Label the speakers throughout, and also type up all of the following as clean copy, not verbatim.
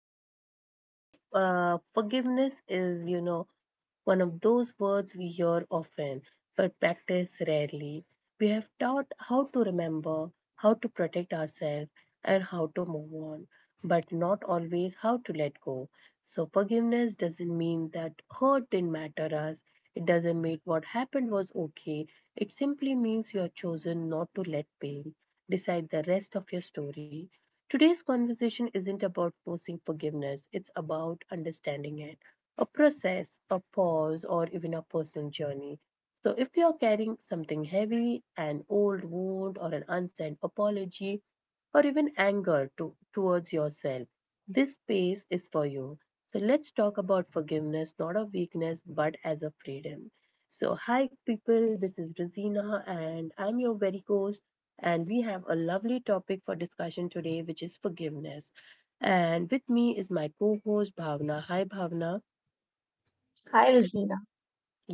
Speaker 1: everyone. So, today's forgiveness is, you know, one of those words we hear often but practice rarely. We have taught how to remember, how to protect ourselves, and how to move on, but not always how to let go. So, forgiveness doesn't mean that hurt didn't matter us. It doesn't mean what happened was okay. It simply means you have chosen not to let pain decide the rest of your story. Today's conversation isn't about forcing forgiveness, it's about understanding it, a process, a pause, or even a personal journey. So, if you're carrying something heavy, an old wound, or an unsent apology, or even towards yourself, this space is for you. So, let's talk about forgiveness, not a weakness, but as a freedom. So, hi people, this is Rosina, and I'm your very host, and we have a lovely topic for discussion today, which is forgiveness. And with me is my co host, Bhavna. Hi, Bhavna.
Speaker 2: Hi, Rosina.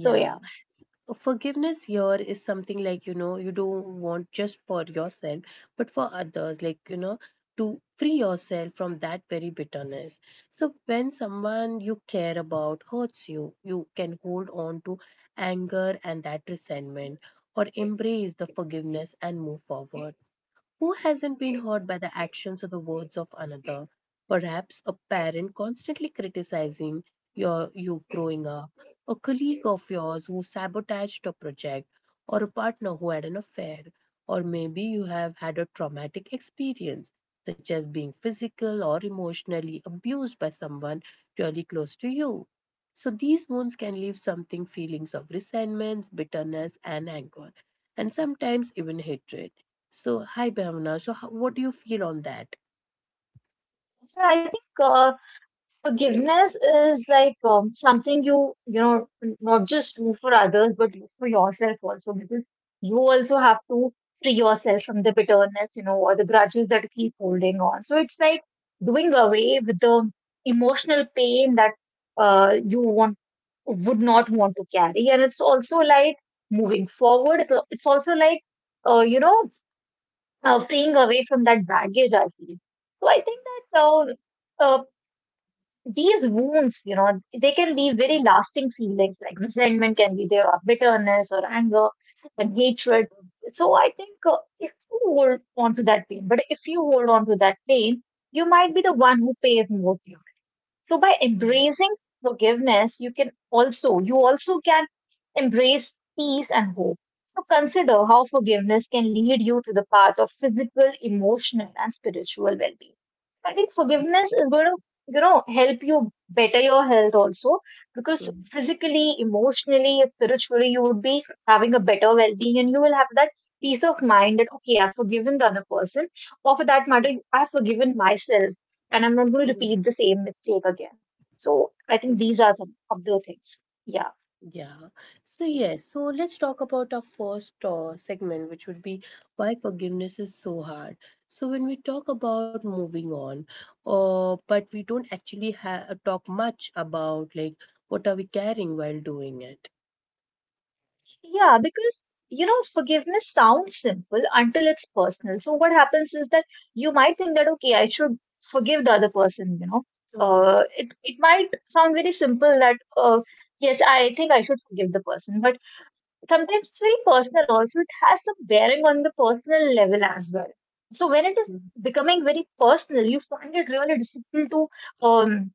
Speaker 2: So yeah,
Speaker 1: S- Forgiveness here is something like, you know, you don't want just for yourself, but for others, like, you know, to free yourself from that very bitterness. So when someone you care about hurts you, you can hold on to anger and that resentment, or embrace the forgiveness and move forward. Who hasn't been hurt by the actions or the words of another? Perhaps a parent constantly criticizing you growing up, a colleague of yours who sabotaged a project, or a partner who had an affair, or maybe you have had a traumatic experience, such as being physical or emotionally abused by someone really close to you. So these wounds can leave something feelings of resentment, bitterness, and anger, and sometimes even hatred. So, hi Bhavna. So, what do you feel on that?
Speaker 2: I think forgiveness is like something you not just do for others, but do for yourself also because you also have to free yourself from the bitterness, you know, or the grudges that you keep holding on. So it's like doing away with the emotional pain that you want would not want to carry, and it's also like moving forward. It's also like uh, you know fleeing away from that baggage, I feel. So I think that uh, uh, these wounds, you know, they can leave very lasting feelings like resentment can be there, or bitterness, or anger, and hatred. So I think if you hold on to that pain, but if you hold on to that pain, you might be the one who pays more. So by
Speaker 1: Mhm.
Speaker 2: embracing forgiveness, you can also, you also can embrace peace and hope. So consider how forgiveness can lead you to the path of physical, emotional, and spiritual well-being. I think forgiveness is going to, you know, help you better your health also because
Speaker 1: Mm,
Speaker 2: physically, emotionally, spiritually, you would be having a better well-being and you will have that peace of mind that, okay, I've forgiven the other person. Or for that matter,
Speaker 1: mm,
Speaker 2: I've forgiven myself and I'm not going to
Speaker 1: mm.
Speaker 2: repeat the same mistake again. So I think these
Speaker 1: Exactly.
Speaker 2: are some of the things. Yeah.
Speaker 1: Yeah. So
Speaker 2: Yes.
Speaker 1: yes, so let's talk about our first segment, which would be why forgiveness is so hard. So when we talk about moving on, but we don't actually ha talk much about like what are we carrying while doing it.
Speaker 2: Yeah, because you know, forgiveness sounds simple until it's personal. So what happens is that you might think that okay, I should forgive the other person. You know,
Speaker 1: Mm-hmm.
Speaker 2: it might sound very simple that yes, I think I should forgive the person, but sometimes it's very personal. Also, it has some bearing on the personal level as well. So when it is becoming very personal, you find it really difficult to um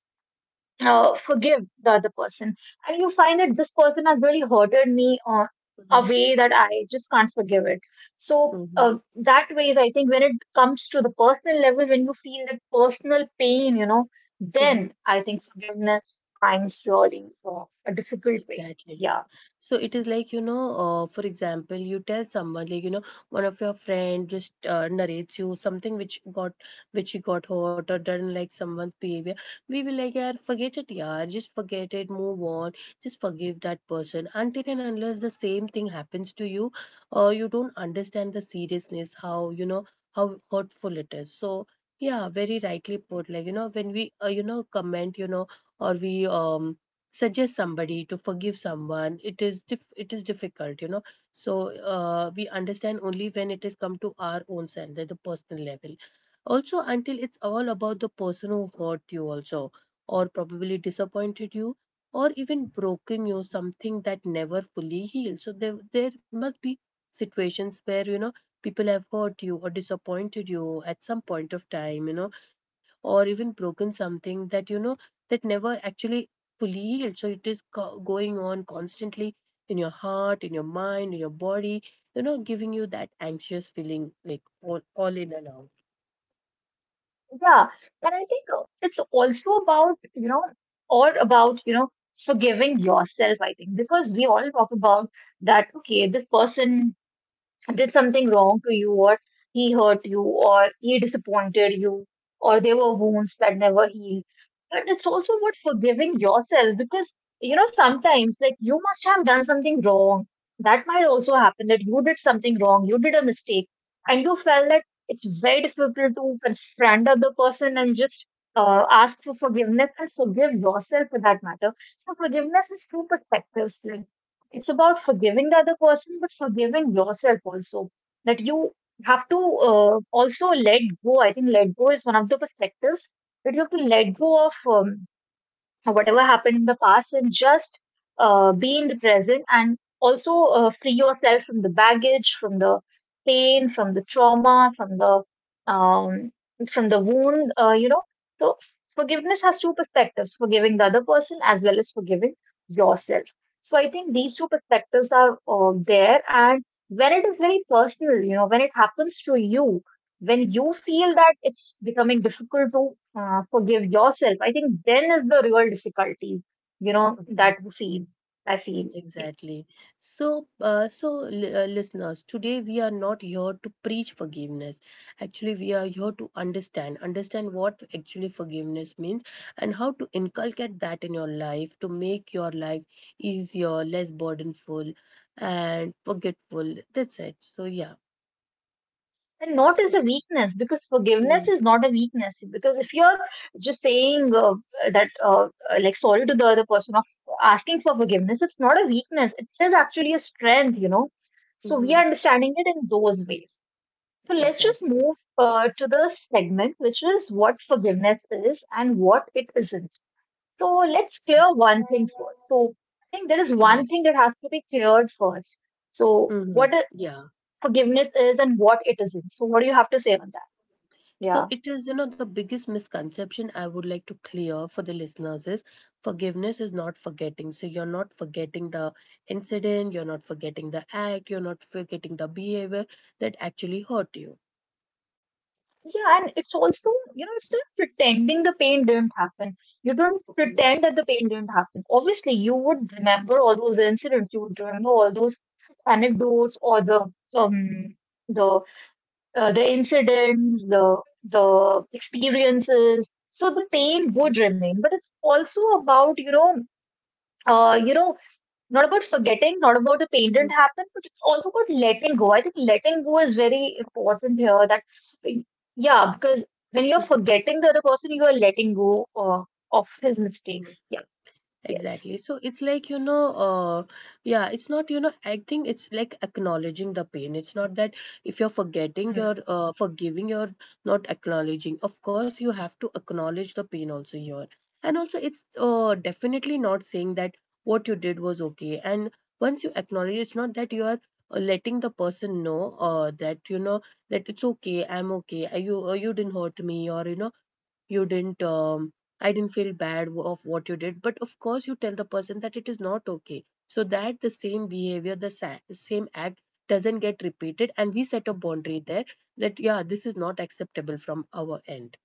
Speaker 2: uh, forgive the other person. And you find that this person has really hurted me on a
Speaker 1: Mm-hmm.
Speaker 2: way that I just can't forgive it. So
Speaker 1: Mm-hmm.
Speaker 2: uh, that way, is, I think when it comes to the personal level, when you feel that personal pain, you know, then I think forgiveness finds really a difficult way.
Speaker 1: Exactly.
Speaker 2: Yeah,
Speaker 1: So it is like, you know, for example, you tell someone, like, you know, one of your friend just narrates you something which he got hurt or done, like someone's behavior. We will like, yeah, forget it, yeah, just forget it, move on, just forgive that person. Until and unless the same thing happens to you, you don't understand the seriousness, how, you know, how hurtful it is. So, yeah, very rightly put. Like, you know, when we, you know, comment, you know, or we, suggest somebody to forgive someone, it is it is difficult, you know. So we understand only when it is come to our own self at the personal level, also until it's all about the person who hurt you, also or probably disappointed you, or even broken you something that never fully healed. So there must be situations where, you know, people have hurt you or disappointed you at some point of time, you know, or even broken something that, you know, that never actually fully healed. So it is going on constantly in your heart, in your mind, in your body, you know, giving you that anxious feeling like all in and out.
Speaker 2: yeah. And I think it's also about you know, forgiving yourself. I think because we all talk about that. Okay, this person did something wrong to you or he hurt you or he disappointed you or there were wounds that never healed, but it's also about forgiving yourself because you know sometimes like you must have done something wrong. That might also happen that you did something wrong, you did a mistake and you felt that it's very difficult to confront the other person and just ask for forgiveness and forgive yourself for that matter. So forgiveness is two perspectives, like it's about forgiving the other person, but forgiving yourself also. That you have to also let go. I think let go is one of the perspectives that you have to let go of. Or whatever happened in the past and just be in the present and also free yourself from the baggage, from the pain, from the trauma, um, from the wound, you know. So forgiveness has two perspectives, forgiving the other person as well as forgiving yourself. So I think these two perspectives are there, and when it is very personal, you know, when it happens to you, when you feel that it's becoming difficult to forgive yourself, I think then is the real difficulty, you know,
Speaker 1: Mhm.
Speaker 2: that we feel, I feel.
Speaker 1: Exactly. So, so listeners, today we are not here to preach forgiveness. Actually, we are here to understand what actually forgiveness means and how to inculcate that in your life to make your life easier, less burdenful, and forgetful. That's it. So, yeah.
Speaker 2: And not as a weakness, because forgiveness
Speaker 1: Mm-hmm.
Speaker 2: is not a weakness. Because if you're just saying that, uh, like, sorry to the other person of asking for forgiveness, it's not a weakness. It is actually a strength, you know. So we are
Speaker 1: Mm-hmm.
Speaker 2: understanding it in those ways. So let's just
Speaker 1: Exactly.
Speaker 2: move to the segment, which is what forgiveness is and what it isn't. So let's clear one thing first. So I think there is one
Speaker 1: Yes.
Speaker 2: thing that has to be cleared first. So
Speaker 1: Mm-hmm. Yeah.
Speaker 2: forgiveness is and what it isn't. So what do you have to say on that? Yeah.
Speaker 1: So it is, you know, the biggest misconception I would like to clear for the listeners is forgiveness is not forgetting. So you're not forgetting the incident, you're not forgetting the act, you're not forgetting the behavior that actually hurt you.
Speaker 2: Yeah, and it's also, you know, it's not pretending the pain didn't happen. You don't pretend that the pain didn't happen. Obviously, you would remember all those incidents, you would remember all those anecdotes or the um the the incidents, the experiences. So the pain would remain, but it's also about you know, uh, you know, not about forgetting, not about the pain
Speaker 1: Mm-hmm.
Speaker 2: didn't happen, but it's also about letting go. I think letting go is very important here. That yeah, because when you're forgetting the other person, you are letting go of his mistakes. Yeah. Yes.
Speaker 1: Exactly. So it's like, you know, yeah, it's not, you know, I think it's like acknowledging the pain. It's not that if you're forgetting, you're forgiving, you're not acknowledging. Of course, you have to acknowledge the pain also here. And also, it's definitely not saying that what you did was okay. And once you acknowledge, it's not that you are letting the person know that, you know, that it's okay, I'm okay, you, you didn't hurt me, or, you know, you didn't. I didn't feel bad of what you did, but of course you tell the person that it is not okay, so that the same behavior, the same act doesn't get repeated, and we set a boundary there that yeah, this is not acceptable from our end.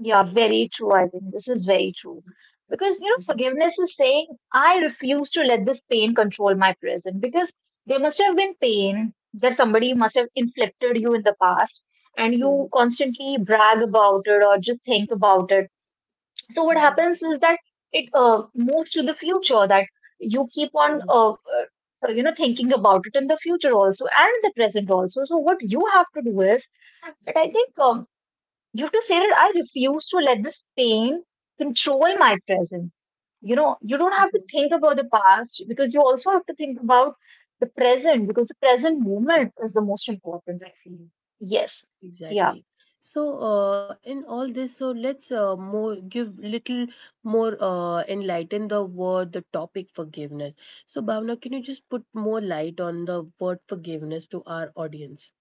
Speaker 2: Yeah, very true. I think this is very true. Because, you know,
Speaker 1: Mhm,
Speaker 2: forgiveness is saying, I refuse to let this pain control my present. Because there must have been pain that somebody must have inflicted you in the past, and you
Speaker 1: mhm,
Speaker 2: constantly brag about it or just think about it. So, what
Speaker 1: mhm,
Speaker 2: happens is that it moves to the future, that you keep on,
Speaker 1: mhm,
Speaker 2: you know, thinking about it in the future also and the present also. So, what you have to do is that I think. You can say that I refuse to let this pain control
Speaker 1: mhm,
Speaker 2: my present. You know, you don't
Speaker 1: mhm,
Speaker 2: have to
Speaker 1: mhm.
Speaker 2: think about the past because you also have to think about the present because the present
Speaker 1: Mhm.
Speaker 2: moment is the most important, I feel. Yes. Yeah.
Speaker 1: Exactly. So, in all this, so let's more give little more enlighten the word, the topic forgiveness. So, Bhavna, can you just put more light on the word forgiveness to our audience?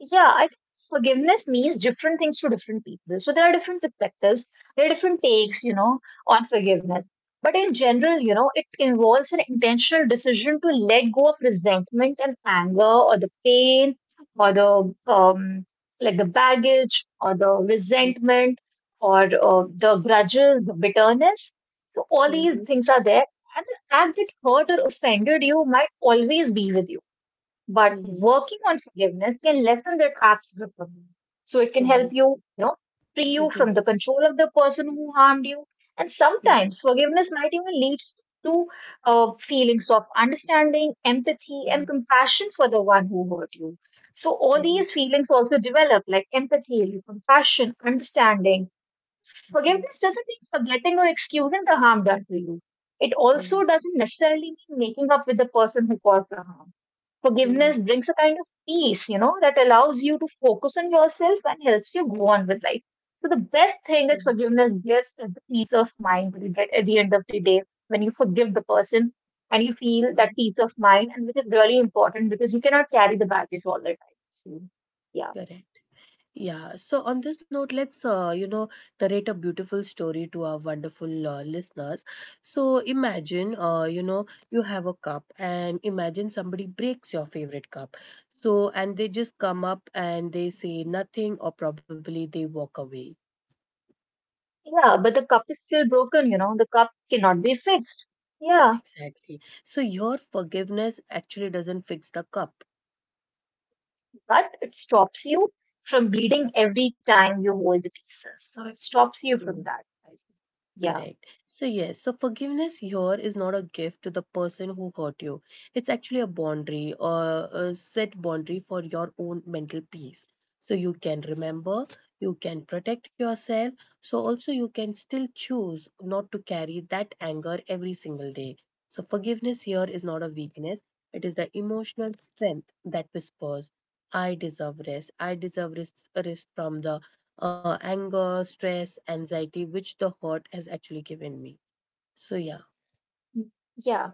Speaker 2: Yeah, I think forgiveness means different things to different people. So there are different perspectives, there are different
Speaker 1: Mhm,
Speaker 2: takes, you know, on forgiveness.
Speaker 1: mhm,
Speaker 2: But in general, you know, it involves an intentional decision to let go of resentment and anger, or the pain, or the like the baggage, or the resentment, or the grudges, the bitterness. So all these
Speaker 1: mhm,
Speaker 2: things are there. And the fact that hurt or offended you might always be with you, but
Speaker 1: mhm,
Speaker 2: working on forgiveness can lessen that absolute grip. So it can help
Speaker 1: mhm,
Speaker 2: you, you know, free
Speaker 1: mhm,
Speaker 2: you from the control of the person who harmed you. And
Speaker 1: mhm,
Speaker 2: sometimes forgiveness might even lead to feelings of understanding, empathy, and
Speaker 1: mhm,
Speaker 2: compassion for the one who hurt you. So all
Speaker 1: mhm,
Speaker 2: these
Speaker 1: mhm,
Speaker 2: feelings also develop, like empathy, compassion, understanding. Forgiveness doesn't mean forgetting or excusing the harm done to you. It also
Speaker 1: mhm,
Speaker 2: doesn't necessarily mean making up with the person who caused the harm. Forgiveness
Speaker 1: mhm,
Speaker 2: brings a kind of peace, you know, that allows you to focus on yourself and helps you go on with life. So the best thing that
Speaker 1: mhm,
Speaker 2: forgiveness gives is the peace of mind you get at the end of the day when you forgive the person and you feel that
Speaker 1: mhm.
Speaker 2: peace of mind, and which is really important because you cannot carry the baggage all the time. So, yeah,
Speaker 1: Correct. Yeah, so on this note, let's, you know, narrate a beautiful story to our wonderful listeners. So imagine, you know, you have a cup and imagine somebody breaks your favorite cup. So, and they just come up and they say nothing or probably they walk away.
Speaker 2: yeah, but the cup is still broken, you know, the cup cannot be fixed. Yeah,
Speaker 1: Exactly. So your forgiveness actually doesn't fix the cup.
Speaker 2: but it stops you from bleeding every time you hold the pieces. So it stops you
Speaker 1: Hmm.
Speaker 2: from that. I think. Yeah.
Speaker 1: Correct. So, yes, so forgiveness here is not a gift to the person who hurt you. It's actually a boundary or a set boundary for your own mental peace. So, you can remember, you can protect yourself. So, also, you can still choose not to carry that anger every single day. So, forgiveness here is not a weakness, it is the emotional strength that whispers, I deserve rest. I deserve rest, rest from the anger, stress, anxiety, which the hurt has actually given me. So yeah.
Speaker 2: Yeah.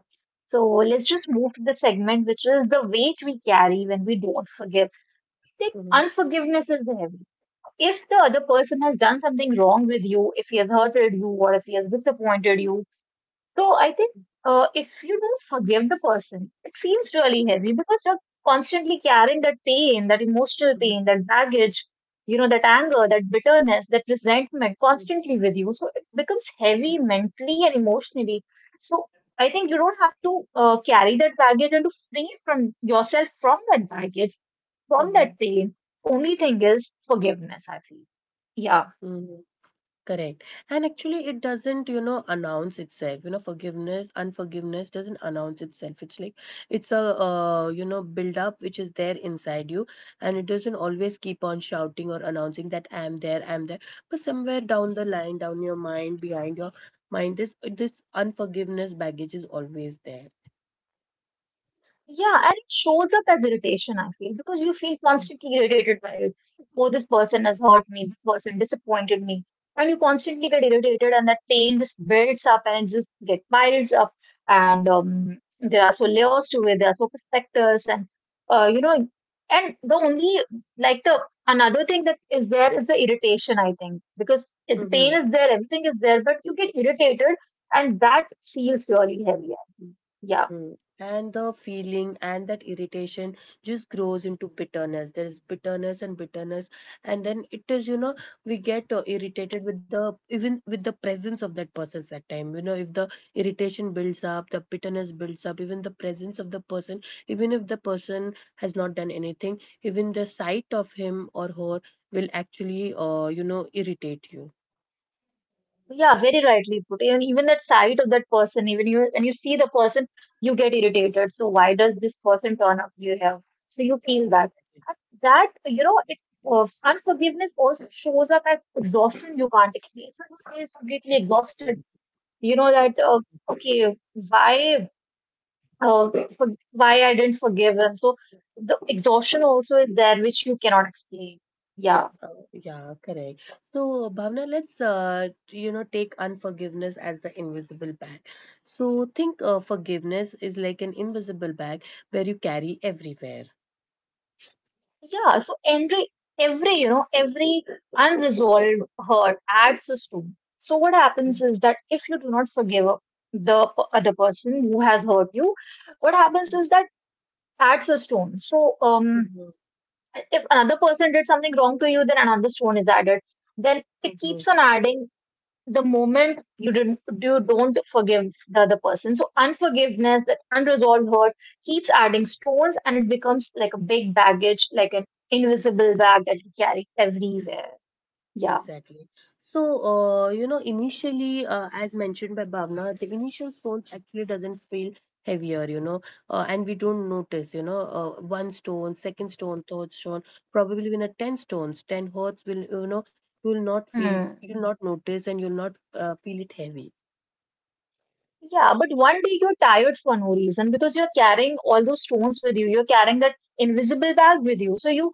Speaker 2: So let's just move to the segment, which is the weight we carry when we don't forgive. Like
Speaker 1: Mhm,
Speaker 2: unforgiveness is the heavy. If the other person has done something wrong with you, if he has hurted you, or if he has disappointed you, so I think if you don't forgive the person, it feels really heavy because you're constantly carrying that pain, that emotional pain,
Speaker 1: mhm,
Speaker 2: that baggage, you know, that anger, that bitterness, that resentment constantly with you. So it becomes
Speaker 1: mhm,
Speaker 2: heavy mentally and emotionally. So I think you don't have to carry that baggage, and to free from yourself from that baggage, from that
Speaker 1: mhm,
Speaker 2: pain. Only thing is forgiveness, I feel. Yeah.
Speaker 1: mhm. Correct. And actually, it doesn't, you know, announce itself. You know, forgiveness, unforgiveness doesn't announce itself. It's like it's a, you know, build up which is there inside you, and it doesn't always keep on shouting or announcing that I am there, I am there. But somewhere down the line, down your mind, behind your mind, this unforgiveness baggage is always there.
Speaker 2: Yeah, and it shows up as irritation, I feel, because you feel constantly irritated by it. Oh, this person has hurt me, this person disappointed me. And you constantly get irritated, and that pain just builds up and it just get piles up. And there are so layers to it, there are so perspectives, and uh, you know, and the only like the another thing that is there is the irritation, I think, because if the pain
Speaker 1: Mhm.
Speaker 2: is there, everything is there, but you get irritated, and that feels really heavy. I think. Yeah.
Speaker 1: Mm. And the feeling and that irritation just grows into bitterness. There is bitterness and bitterness, and then it is, you know, we get irritated with the even with the presence of that person at time. You know, if the irritation builds up, the bitterness builds up. Even the presence of the person, even if the person has not done anything, even the sight of him or her will actually you know, irritate you.
Speaker 2: Yeah, very rightly put. And even that side of that person, even you when you see the person, you get irritated. So why does this person turn up you have? So you feel that. And that, you know, it unforgiveness also shows up as exhaustion you can't explain. So you feel completely exhausted. You know that okay, why uh, why I didn't forgive him. So the exhaustion also is there which you cannot explain. Yeah.
Speaker 1: Uh, yeah, correct. So, Bhavna, let's you know, take unforgiveness as the invisible bag. So, think forgiveness is like an invisible bag where you carry everywhere.
Speaker 2: Yeah, so every you know every unresolved hurt adds a stone. So what happens
Speaker 1: Mhm,
Speaker 2: is that if you do not forgive the other person who has hurt you, what happens is that adds a stone.
Speaker 1: mhm,
Speaker 2: If another person did something wrong to you, then another stone is added. Then it keeps
Speaker 1: mhm.
Speaker 2: on adding the moment you don't forgive the other person. So unforgiveness, that unresolved hurt, keeps adding stones and it becomes like a big baggage, like an invisible bag that you carry everywhere. Yeah.
Speaker 1: Exactly. So, you know, initially, as mentioned by Bhavna, the initial stones actually doesn't feel heavier, you know, and we don't notice, you know, one stone, second stone, third stone, probably when a 10 stones, 10 hertz will, you know, you will not feel,
Speaker 2: Hmm.
Speaker 1: you will not notice and you'll not feel it heavy.
Speaker 2: Yeah, but one day you're tired for no reason because you're carrying all those stones with you. You're carrying that invisible bag with you. So you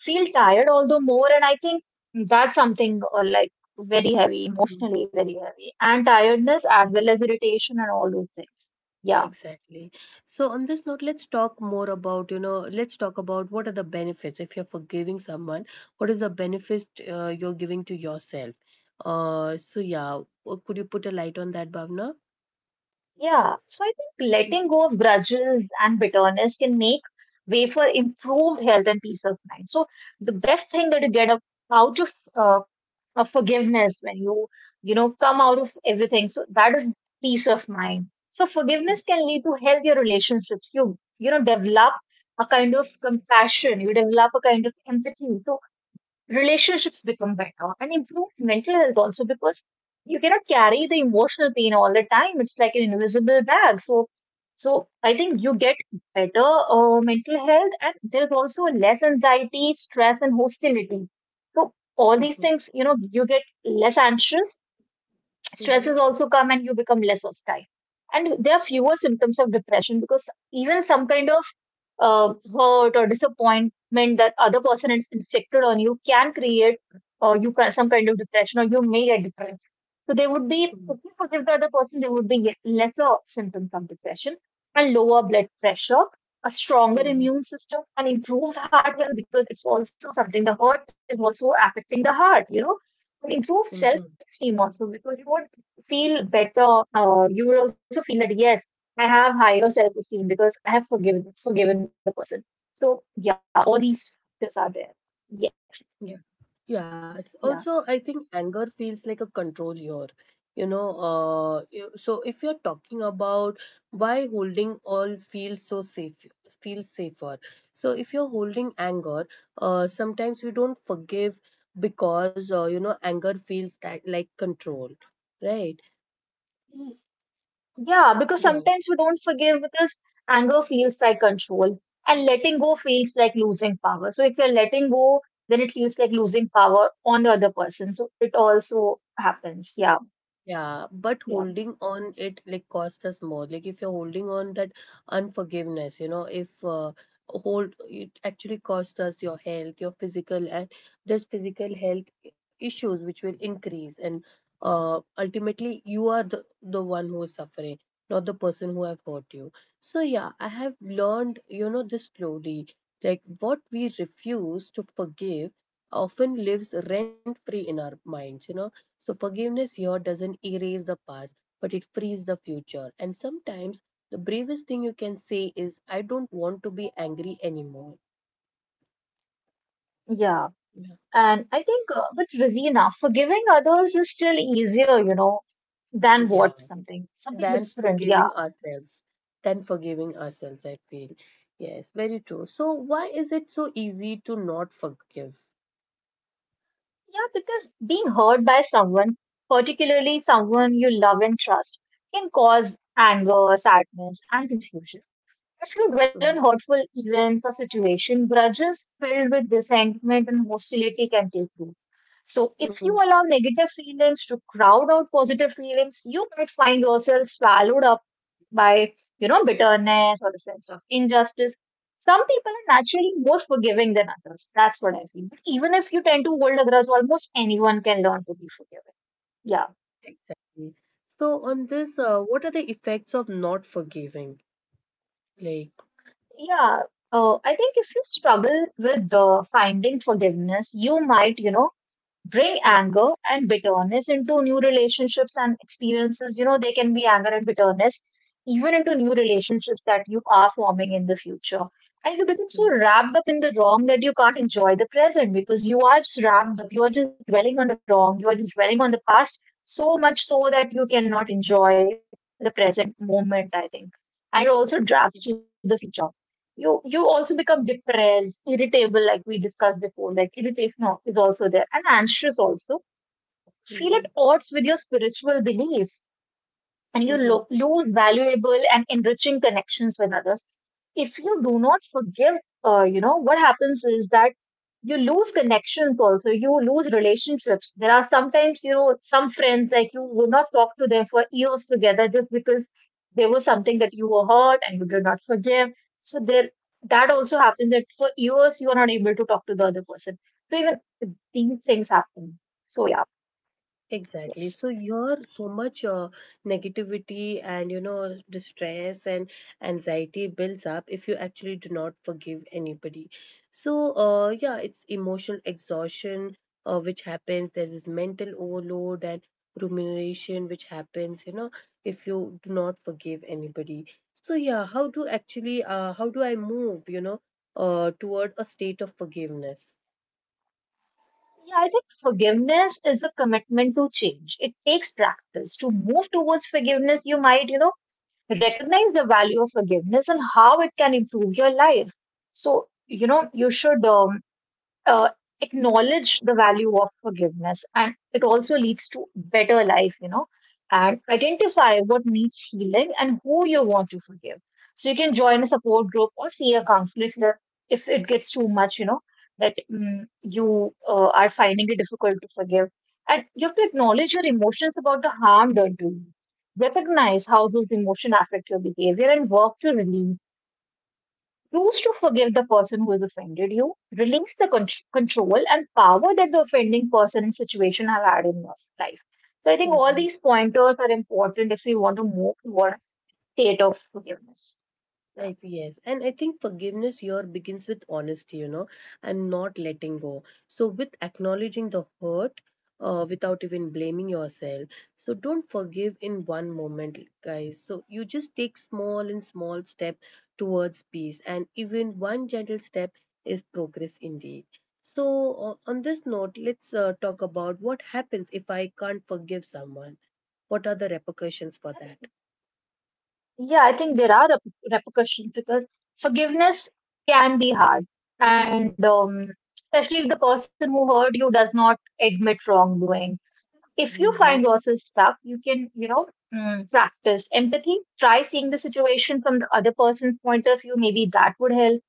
Speaker 2: feel tired all the more. And I think that's something like very heavy, emotionally very heavy. And tiredness as well as irritation and all those things. Yeah.
Speaker 1: Exactly. So on this note, let's talk more about, you know, let's talk about what are the benefits if you're forgiving someone, what is the benefit you're giving to yourself? So yeah, could you put a light on that, Bhavna?
Speaker 2: Yeah. So I think
Speaker 1: Mm-hmm.
Speaker 2: letting go of grudges and bitterness can make way for improved health and peace of mind. So the best thing that you get out of of forgiveness when you know, come out of everything, so that is peace of mind. So forgiveness can lead to healthier relationships. You know, develop a kind of compassion, you develop a kind of empathy, relationships become better, and improve mental health also, because you cannot carry the emotional pain all the time. It's like an invisible bag. So I think you get better mental health, and there's also less anxiety, stress, and hostility. So all these things, you know, you get less anxious, stresses
Speaker 1: Mm-hmm.
Speaker 2: also come, and you become less hostile. And there are fewer symptoms of depression, because even some kind of hurt or disappointment that other person is inflicted on you can create some kind of depression, or you may get depressed. So they would be, if you forgive the other person, there would be lesser symptoms of depression, and lower blood pressure, a stronger
Speaker 1: Mm-hmm.
Speaker 2: immune system, and improved heart health, because it's also something, the heart is also affecting the heart, you know. Improved
Speaker 1: Mm-hmm.
Speaker 2: self-esteem also, because you would feel better. You would also feel that yes, I have higher self-esteem because I have forgiven the person. So yeah, all these factors are there. Yes,
Speaker 1: Yeah. Yeah. It's
Speaker 2: yeah.
Speaker 1: also, I think anger feels like a control here. You know, you- so if you're talking about why holding all feels so safe, feels safer. So if you're holding anger, sometimes you don't forgive because, you know, anger feels that like control, right?
Speaker 2: Mm, yeah. Because
Speaker 1: Yeah.
Speaker 2: sometimes we don't forgive because anger feels like control, and letting go feels like losing power. So if you're letting go, then it feels like losing power on the other person. So it also happens. Yeah,
Speaker 1: Yeah, but
Speaker 2: yeah,
Speaker 1: holding on it like cost us more. Like if you're holding on that unforgiveness, you know, if hold it actually cost us your health, your physical, and there's physical health issues which will increase, and ultimately you are the one who is suffering, not the person who have hurt you. So yeah, I have learned, you know, this slowly. Like what we refuse to forgive often lives rent free in our minds. You know, so forgiveness here doesn't erase the past, but it frees the future. And sometimes the bravest thing you can say is, I don't want to be angry anymore.
Speaker 2: yeah.
Speaker 1: Yeah.
Speaker 2: And I think it's busy enough. Forgiving others is still easier, you know, than
Speaker 1: Yeah.
Speaker 2: what something, something
Speaker 1: Than
Speaker 2: different.
Speaker 1: forgiving
Speaker 2: Yeah.
Speaker 1: ourselves. Than forgiving ourselves, I feel. Yes, very true. So why is it so easy to not forgive?
Speaker 2: Yeah, because being hurt by someone, particularly someone you love and trust, can cause anger, sadness, and confusion. If you dwell
Speaker 1: Mm,
Speaker 2: on hurtful events or situation, grudges filled with resentment and hostility can take root. So if
Speaker 1: mm.
Speaker 2: you allow negative feelings to crowd out positive feelings, you might find yourself swallowed up by, you know, bitterness or the sense of injustice. Some people are naturally more forgiving than others. That's what I feel. But even if you tend to hold a grudge, almost anyone can learn to be forgiving. Yeah.
Speaker 1: Exactly. So on this, what are the effects of not forgiving? Like,
Speaker 2: Yeah, I think if you struggle with finding forgiveness, you might, you know, bring
Speaker 1: mm-hmm,
Speaker 2: anger and bitterness into new relationships and experiences. You know, there can be anger and bitterness even into new relationships that you are forming in the future. And you become so wrapped up in the wrong that you can't enjoy the present, because you are just wrapped up. You are just dwelling on the wrong. You are just dwelling on the past so much so that you cannot enjoy the present moment, I think. And it also drafts to the future. You also become depressed, irritable, like we discussed before. Like irritation is also there, and anxious also. Feel
Speaker 1: mm-hmm.
Speaker 2: at odds with your spiritual beliefs, and you lose valuable and enriching connections with others. If you do not forgive, you know, what happens is that you lose connections also, you lose relationships. There are sometimes, you know, some friends like you will not talk to them for years together just because there was something that you were hurt and you did not forgive. So there, that also happens that for years you are not able to talk to the other person. So even these things happen. So yeah,
Speaker 1: Exactly. So
Speaker 2: yes.
Speaker 1: here, so much negativity and you know distress and anxiety builds up if you actually do not forgive anybody. So it's emotional exhaustion which happens. There is mental overload and rumination which happens. You know, if you do not forgive anybody. So how do actually how do I move? You know, toward a state of forgiveness.
Speaker 2: Yeah, I think forgiveness is a commitment to change. It takes practice. To move towards forgiveness, you might, you know, recognize the value of forgiveness and how it can improve your life. So you know you should uh, acknowledge the value of forgiveness, and it also leads to better life, you know, and identify what needs healing and who you want to forgive. So you can join a support group or see a counselor if you're- if it gets too much, you know, that mm you are finding it difficult to forgive, and you have to acknowledge your emotions about the harm done to you, recognize how those emotions affect your behavior and work to relieve. Choose to forgive the person who has offended you, release the control and power that the offending person and situation have had in your life. So I think all
Speaker 1: Mhm.
Speaker 2: these pointers are important if we want to move toward a state of forgiveness. Yeah,
Speaker 1: Yes, and I think forgiveness here begins with honesty, you know, and not letting go. So, with acknowledging the hurt without even blaming yourself. So, don't forgive in one moment, guys. So, you just take small and small steps towards peace, and even one gentle step is progress indeed. So, on this note, let's talk about what happens if I can't forgive someone. What are the repercussions for
Speaker 2: I
Speaker 1: that?
Speaker 2: think, yeah, I think there are repercussions because forgiveness can be hard, and especially if the person who hurt you does not admit wrongdoing. If you
Speaker 1: Mhm,
Speaker 2: find yourself stuck, you can, you know, practice empathy. Try seeing the situation from the other person's point of view. Maybe that would help.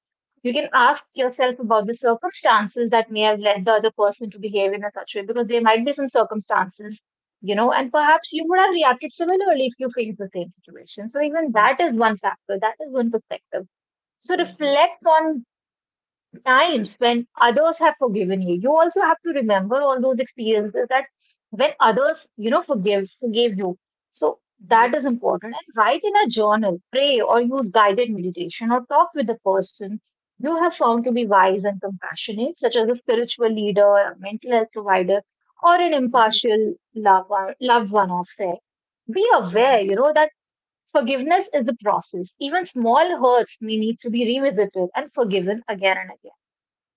Speaker 2: You can ask yourself about the circumstances that may have led the other person to behave in a such way, because there might be some circumstances, you know, and perhaps you would have reacted similarly if you faced the same situation. So even
Speaker 1: mhm,
Speaker 2: that is one factor, that is one perspective. So
Speaker 1: mhm,
Speaker 2: reflect on times when others have forgiven you. You also have to remember all those experiences that when others, you know, forgave you. So
Speaker 1: mhm.
Speaker 2: that is important. And write in a journal, pray, or use guided meditation, or talk with the person you have found to be wise and compassionate, such as a spiritual leader, a mental health provider, or an
Speaker 1: Mhm,
Speaker 2: impartial loved one of there. Be aware,
Speaker 1: mhm.
Speaker 2: you know, that forgiveness is a process. Even small hurts may need to be revisited and forgiven again and again.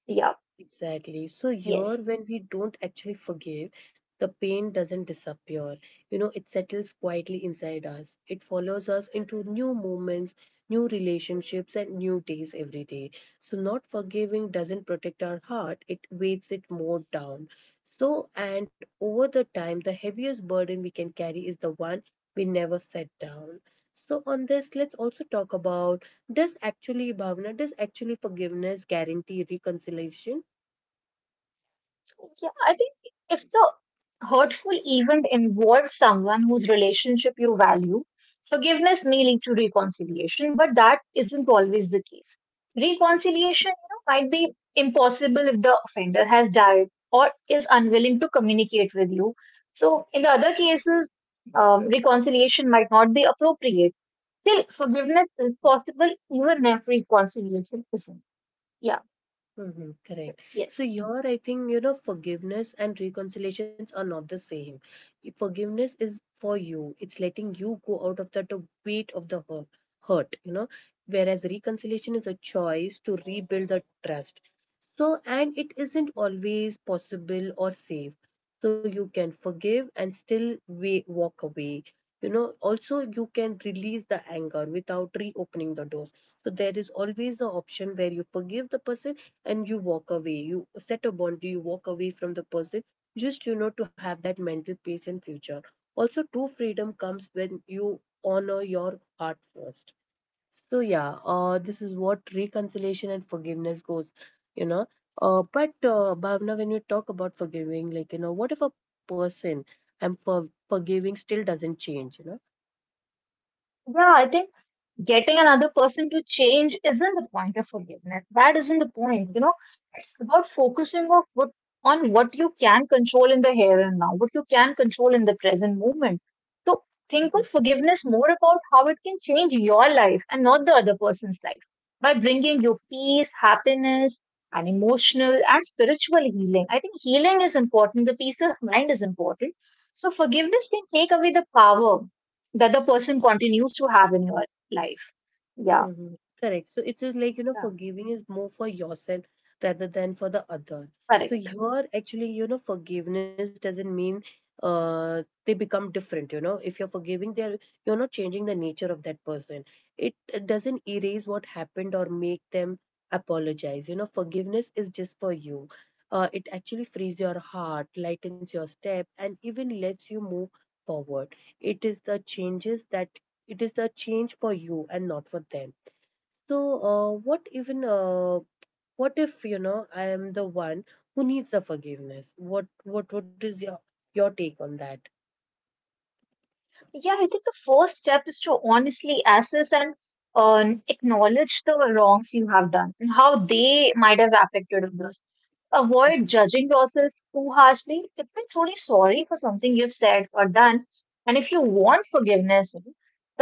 Speaker 2: Yeah,
Speaker 1: Exactly. So here,
Speaker 2: yes.
Speaker 1: when we don't actually forgive, the pain doesn't disappear. You know, it settles quietly inside us. It follows us into new moments, new relationships, and new days every day. So not forgiving doesn't protect our heart. It weighs it more down. So, and over the time, the heaviest burden we can carry is the one we never set down. So on this, let's also talk about does actually, Bhavna, does actually forgiveness guarantee reconciliation?
Speaker 2: Yeah, I think if the hurtful event involves someone whose relationship you value, forgiveness may lead to reconciliation, but that isn't always the case. Reconciliation, you know, might be impossible if the offender has died or is unwilling to communicate with you. So, in the other cases, reconciliation might not be appropriate. Still, forgiveness is possible even if reconciliation isn't. Yeah,
Speaker 1: Mm-hmm, correct.
Speaker 2: yes.
Speaker 1: So here, I think, you know, forgiveness and reconciliations are not the same. Forgiveness is for you. It's letting you go out of that weight of the hurt, you know, whereas reconciliation is a choice to rebuild the trust. So, and it isn't always possible or safe, so you can forgive and still way, walk away. You know, also you can release the anger without reopening the doors. So there is always the option where you forgive the person and you walk away. You set a boundary, you walk away from the person just you know to have that mental peace in future. Also, true freedom comes when you honor your heart first. So this is what reconciliation and forgiveness goes, you know. But Bhavna, when you talk about forgiving, like you know, what if a person I'm for forgiving still doesn't change, you
Speaker 2: Yeah, I think. Getting another person to change isn't the point of forgiveness. That isn't the point.
Speaker 1: know?
Speaker 2: You know, it's about focusing on what you can control in the here and now, what you can control in the present moment. So think of forgiveness more about how it can change your life and not the other person's life, by bringing you peace, happiness, and emotional and spiritual healing. I think healing is important. The peace of mind is important. So forgiveness can take away the power that the person continues to have in your life. Yeah.
Speaker 1: Mhm. Correct. So it is like, you know,
Speaker 2: Yeah.
Speaker 1: forgiving is more for yourself rather than for the other. So
Speaker 2: Correct.
Speaker 1: here, actually, you know, forgiveness doesn't mean they become different, you know. If you're forgiving, they're you're not changing the nature of that person. It doesn't erase what happened or make them apologize. You know, forgiveness is just for you. It actually frees your heart, lightens your step, and even lets you move forward. It is the changes that it is the change for you and not for them. So uh, what even uh, what if you know I am the one who needs the forgiveness, what is your take on that?
Speaker 2: Yeah, I think the first step is to honestly assess and acknowledge the wrongs you have done and how they might have affected others. Avoid
Speaker 1: Mhm,
Speaker 2: judging yourself too harshly. If you're truly sorry for something you've said or done, and if you
Speaker 1: mhm,
Speaker 2: want forgiveness, you know,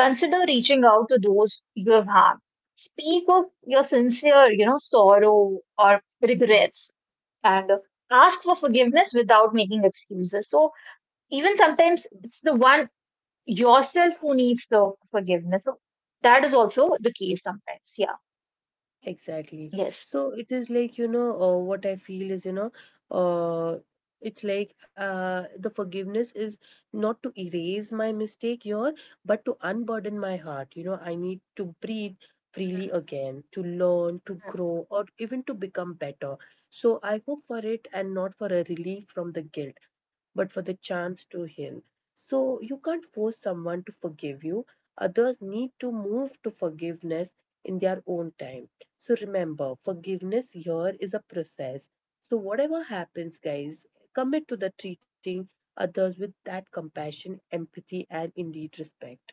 Speaker 2: consider reaching out to those you have harmed. Speak of your sincere, you know, sorrow or
Speaker 1: mhm.
Speaker 2: regrets, and ask for forgiveness without making excuses. So even sometimes it's the one yourself who needs the forgiveness. So that is also the case sometimes. Yeah.
Speaker 1: Exactly.
Speaker 2: Yes.
Speaker 1: So it is like, you know, what I feel is, you know, uh, it's like the forgiveness is not to erase my mistake here, but to unburden my heart. You know, I need to breathe freely again, to learn, to
Speaker 2: Mm.
Speaker 1: grow, or even to become better. So I hope for it and not for a relief from the guilt, but for the chance to heal. So you can't force someone to forgive you. Others need to move to forgiveness in their own time. So remember, forgiveness here is a process. So whatever happens, guys, commit to the treating others with that compassion, empathy, and indeed respect.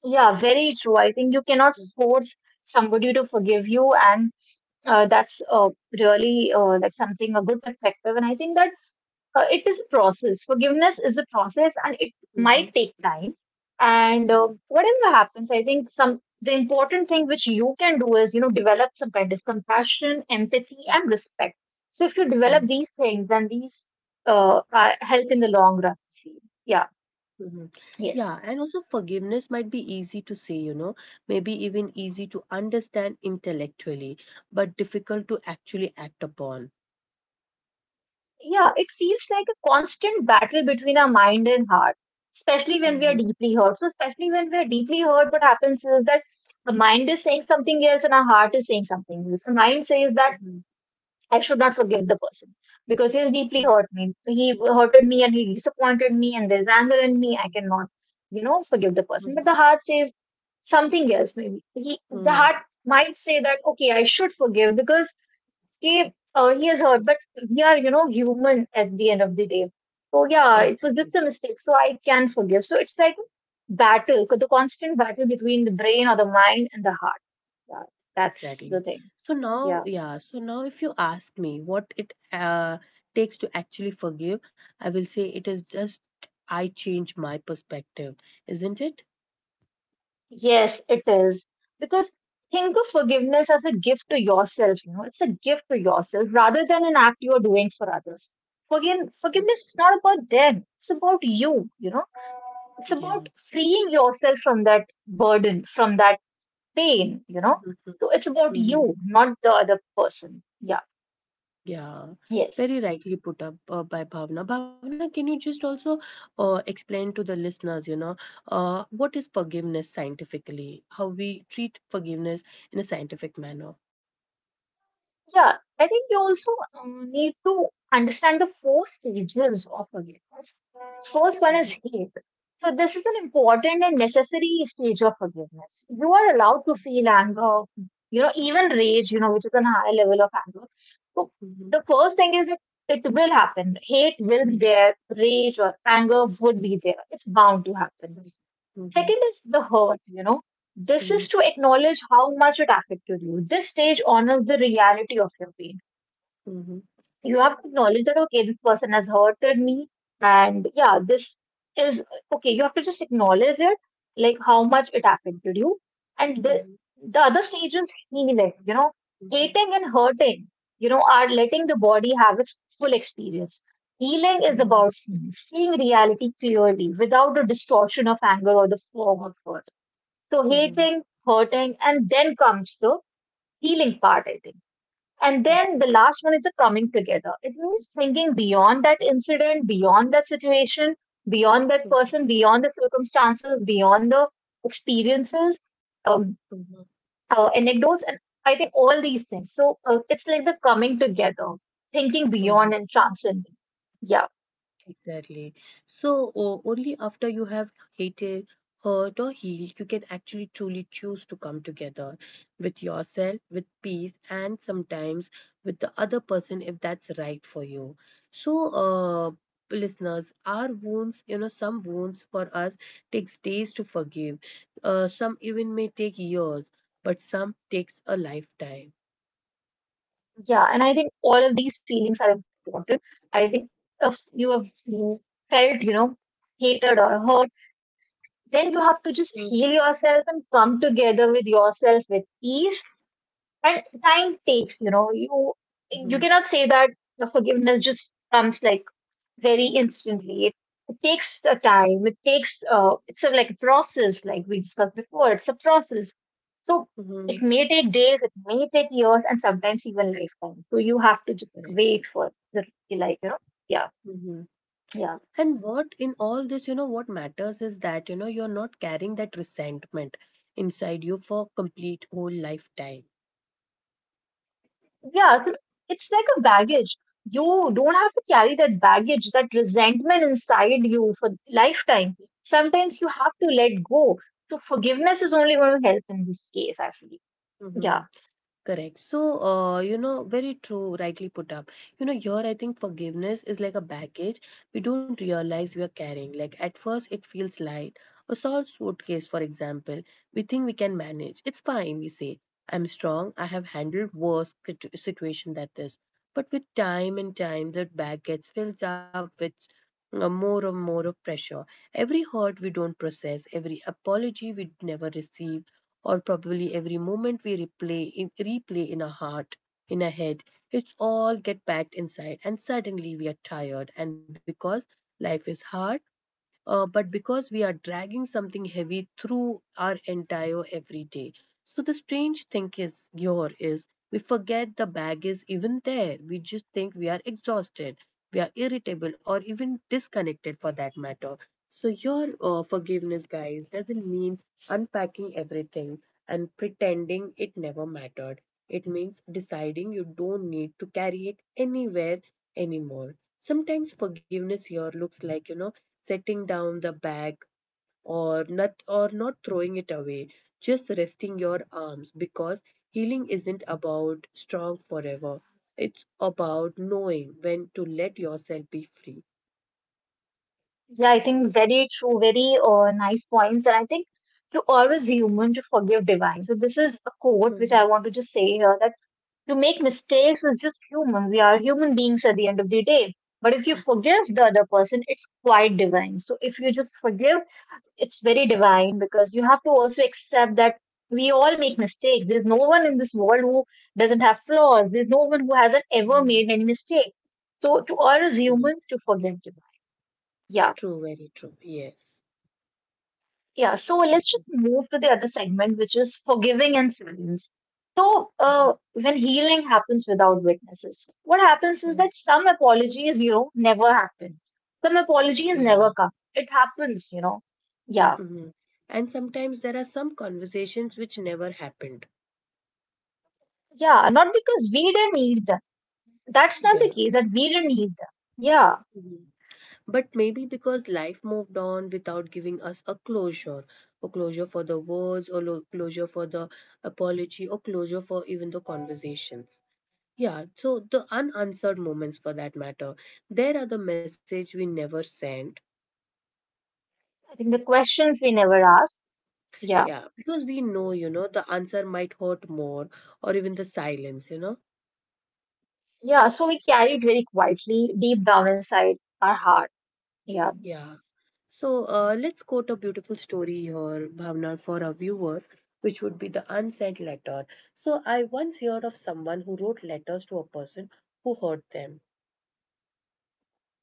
Speaker 2: Yeah. Very true. I think you cannot force somebody to forgive you, and that's really like something a good perspective. And I think that it is a process. Forgiveness is a process, and it
Speaker 1: Mhm.
Speaker 2: might take time. And
Speaker 1: Sure.
Speaker 2: whatever happens, I think some the important thing which you can do is you know develop some kind of compassion, empathy, and respect. So if you develop
Speaker 1: Mhm,
Speaker 2: these things, then these are help in the long run. Yeah.
Speaker 1: mhm. Yeah,
Speaker 2: Yes.
Speaker 1: and also forgiveness might be easy to say, you know, maybe even easy to understand intellectually, but difficult to actually act upon.
Speaker 2: Yeah, it feels like a constant battle between our mind and heart, especially when
Speaker 1: Mhm,
Speaker 2: we are deeply hurt. So, especially when we are deeply hurt, what happens is that the mind is saying something else and our heart is saying something else. The mind says that
Speaker 1: mhm,
Speaker 2: I should not forgive the person because he has deeply
Speaker 1: mhm,
Speaker 2: hurt me. He hurted me and he disappointed me, and there's anger in me. I
Speaker 1: mhm,
Speaker 2: cannot, forgive the person. But
Speaker 1: mhm.
Speaker 2: the heart says something else, maybe. He, the heart
Speaker 1: Mm.
Speaker 2: might say that, okay, I should forgive because he is hurt, but we are, human at the end of the day. So yeah, it was
Speaker 1: Exactly.
Speaker 2: just a mistake. So I can forgive. So it's like battle. So the constant battle between the brain or the mind and the heart. Yeah, that's
Speaker 1: Exactly.
Speaker 2: the thing.
Speaker 1: So
Speaker 2: Yeah.
Speaker 1: now, yeah, so now if you ask me what it takes to actually forgive, I will say it is just I change my perspective, isn't it?
Speaker 2: Yes, it is. Because think of forgiveness as a gift to yourself, you know, it's a gift to yourself rather than an act you are doing for others. Forgive, forgiveness is not about them, it's about you, you know, it's
Speaker 1: Yeah.
Speaker 2: about freeing yourself from that burden, from that pain, you know. So it's about
Speaker 1: Hmm.
Speaker 2: you, not the other person. Yeah.
Speaker 1: Yeah,
Speaker 2: Yes.
Speaker 1: very rightly put up by Bhavana. Bhavana, can you just also explain to the listeners, you know, what is forgiveness scientifically? How we treat forgiveness in a scientific manner.
Speaker 2: Yeah. I think you also need to understand the four stages of forgiveness. First one is hate. So this is an important and necessary stage of forgiveness. You are allowed to feel anger, you know, even rage, you know, which is a higher level of anger. So the first thing is that it will happen. Hate will be there, rage or anger would be there. It's bound to happen. Second is the hurt, you know. This is to acknowledge how much it affected you. This stage honors the reality of your pain. You have to acknowledge that, okay, this person has hurted me. And yeah, this is okay. You have to just acknowledge it, like how much it affected you. And the other stage is healing, you know, hating and hurting, you know, are letting the body have its full experience. Healing is about seeing reality clearly without the distortion of anger or the fog of hurt. So hating, hurting, and then comes the healing part, I think. And then the last one is the coming together. It means thinking beyond that incident, beyond that situation, beyond that person, beyond the circumstances, beyond the experiences, um, anecdotes, and I think all these things. So it's like the coming together, thinking beyond and transcending. Yeah,
Speaker 1: Exactly. So, only after you have hated, hurt, or healed, you can actually truly choose to come together with yourself, with peace, and sometimes with the other person if that's right for you. So, listeners, our wounds, you know, some wounds for us takes days to forgive. Some even may take years, but some takes a lifetime.
Speaker 2: yeah. And I think all of these feelings are important. I think if you have felt, you know, hated or hurt, then you have to just heal yourself and come together with yourself with ease and time takes, you know, you
Speaker 1: Mm-hmm.
Speaker 2: cannot say that the forgiveness just comes like very instantly. It takes a time. It takes it's a, like a process, like we discussed before, it's a process, so it
Speaker 1: Hmm.
Speaker 2: may take days, it may take years, and sometimes even lifetime. So you have to just
Speaker 1: Correct.
Speaker 2: wait for the, like, you know, yeah,
Speaker 1: Mhm.
Speaker 2: yeah.
Speaker 1: And what in all this, you know, what matters is that, you know, you're not carrying that resentment inside you for complete whole lifetime.
Speaker 2: Yeah, so it's like a baggage. You don't have to carry that baggage, that resentment inside you for lifetime. Sometimes you have to let go. So forgiveness is only going to help in this case, actually. Yeah.
Speaker 1: Mhm. Correct. So, you know, very true, rightly put up. You know, here I think forgiveness is like a baggage we don't realize we are carrying. Like at first, it feels light. A small suitcase, for example, we think we can manage. It's fine, we say. I'm strong. I have handled worse situation than this. But with time and time, that bag gets filled up with more and more of pressure. Every hurt we don't process, every apology we never receive, or probably every moment we replay in our heart, in our head. It's all get packed inside, and suddenly we are tired. And because life is hard, but because we are dragging something heavy through our entire everyday. So the strange thing is here is we forget the bag is even there. We just think we are exhausted, we are irritable, or even disconnected for that matter. So your forgiveness, guys, doesn't mean unpacking everything and pretending it never mattered. It means deciding you don't need to carry it anywhere anymore. Sometimes forgiveness here looks like, you know, setting down the bag or not throwing it away, just resting your arms because healing isn't about strong forever. It's about knowing when to let yourself be free.
Speaker 2: Yeah, I think very true, very nice points. And I think to always human to forgive divine. So this is a quote which I
Speaker 1: Mhm,
Speaker 2: want to just say here, that to make mistakes is just human. We are human beings at the end of the day. But if you
Speaker 1: mhm,
Speaker 2: forgive the other person, it's quite divine. So if you just forgive, it's very divine, because you have to also accept that we all make mistakes. There's no one in this world who doesn't have flaws. There's no one who hasn't ever
Speaker 1: mhm.
Speaker 2: made any mistake. So to all is human
Speaker 1: Correct.
Speaker 2: to forgive divine. Yeah.
Speaker 1: True, very true. Yes.
Speaker 2: Yeah. So let's
Speaker 1: Mhm,
Speaker 2: just move to the other segment, which is forgiving and silence. So
Speaker 1: mhm,
Speaker 2: when healing happens without witnesses, what happens is
Speaker 1: mhm.
Speaker 2: that some apologies, you know, never happen. Some apologies
Speaker 1: Yeah.
Speaker 2: never come. It happens, you know. Yeah.
Speaker 1: Mhm. And sometimes there are some conversations which never happened.
Speaker 2: Yeah. Not because we didn't need them. That's not the
Speaker 1: Yeah.
Speaker 2: case, that we didn't need them. Yeah,
Speaker 1: But maybe because life moved on without giving us a closure, or closure for the words, or closure for the apology, or closure for even the conversations. Yeah, so the unanswered moments for that matter, there are the message we never sent.
Speaker 2: I think the questions we never asked. Yeah,
Speaker 1: Yeah, because we know, you know, the answer might hurt more, or even the silence, you know.
Speaker 2: yeah. So we carried very quietly, deep down inside our heart. Yeah.
Speaker 1: Yeah. So let's quote a beautiful story here, Bhavna, for our viewers, which would be the unsent letter. So I once heard of someone who wrote letters to a person who hurt them.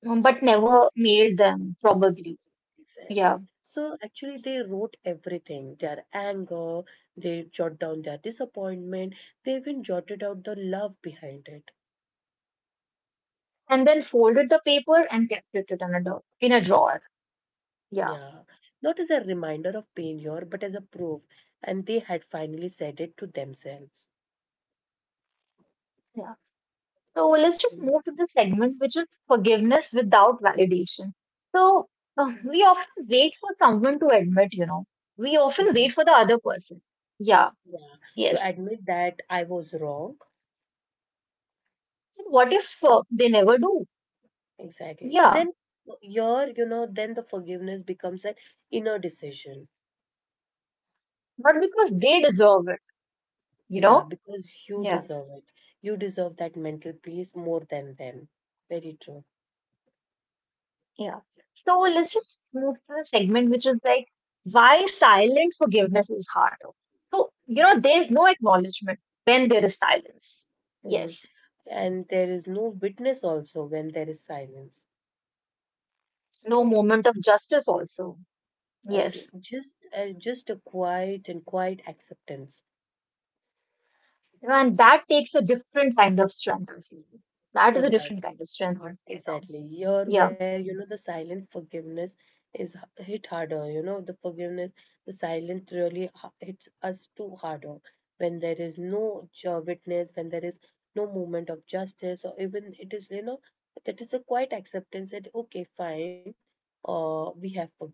Speaker 2: But never mailed them, probably.
Speaker 1: Exactly.
Speaker 2: Yeah,
Speaker 1: So actually, they wrote everything their anger, they jot down their disappointment, they even jotted out the love behind it.
Speaker 2: and then folded the paper and kept it in a drawer. In a drawer.
Speaker 1: Yeah.
Speaker 2: Yeah,
Speaker 1: Not as a reminder of pain here, but as a proof. And they had finally said it to themselves.
Speaker 2: yeah. So let's just move to the segment which is forgiveness without validation. So we often wait for someone to admit, you know, we often
Speaker 1: Mhm.
Speaker 2: wait for the other person. Yeah.
Speaker 1: Yeah, to
Speaker 2: Yes.
Speaker 1: admit that I was wrong.
Speaker 2: And what if they never do?
Speaker 1: Exactly.
Speaker 2: Yeah,
Speaker 1: Then your, you know, then the forgiveness becomes an inner decision.
Speaker 2: not because they deserve it, you
Speaker 1: Yeah,
Speaker 2: know?
Speaker 1: because you
Speaker 2: Yeah,
Speaker 1: deserve it. You deserve that mental peace more than them. Very true.
Speaker 2: yeah. So let's just move to the segment which is like why silent forgiveness is harder. So, you know, there's no acknowledgement when there is silence.
Speaker 1: Hmm.
Speaker 2: Yes,
Speaker 1: And there is no witness also when there is silence.
Speaker 2: no moment of justice also.
Speaker 1: Okay,
Speaker 2: Yes,
Speaker 1: just a quiet and quiet acceptance.
Speaker 2: you know, and that takes a different kind of strength, I feel. That is a different
Speaker 1: Exactly.
Speaker 2: kind of strength altogether.
Speaker 1: Exactly. Here
Speaker 2: Yeah.
Speaker 1: where, you know, the silent forgiveness is hit harder, you know, the forgiveness, the silence really hits us too harder when there is no witness, when there is no movement of justice, or even it is, you know, that is a quiet acceptance that, okay, fine, we have forgiven.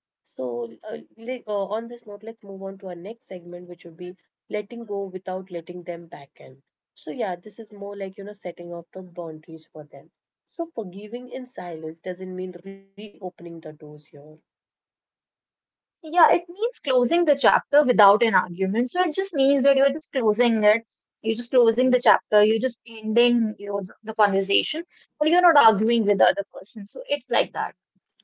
Speaker 1: So, on this note, let's move on to our next segment, which would be letting go without letting them back in. So, yeah, this is more like, you know, setting up the boundaries for them. So forgiving in silence doesn't mean reopening the doors here.
Speaker 2: Yeah, it means closing the chapter without an argument. So it just means that you're just closing it. You're just closing
Speaker 1: Mhm.
Speaker 2: the chapter. You're just ending, you know, the conversation, but you're not arguing with the other person. So it's like that.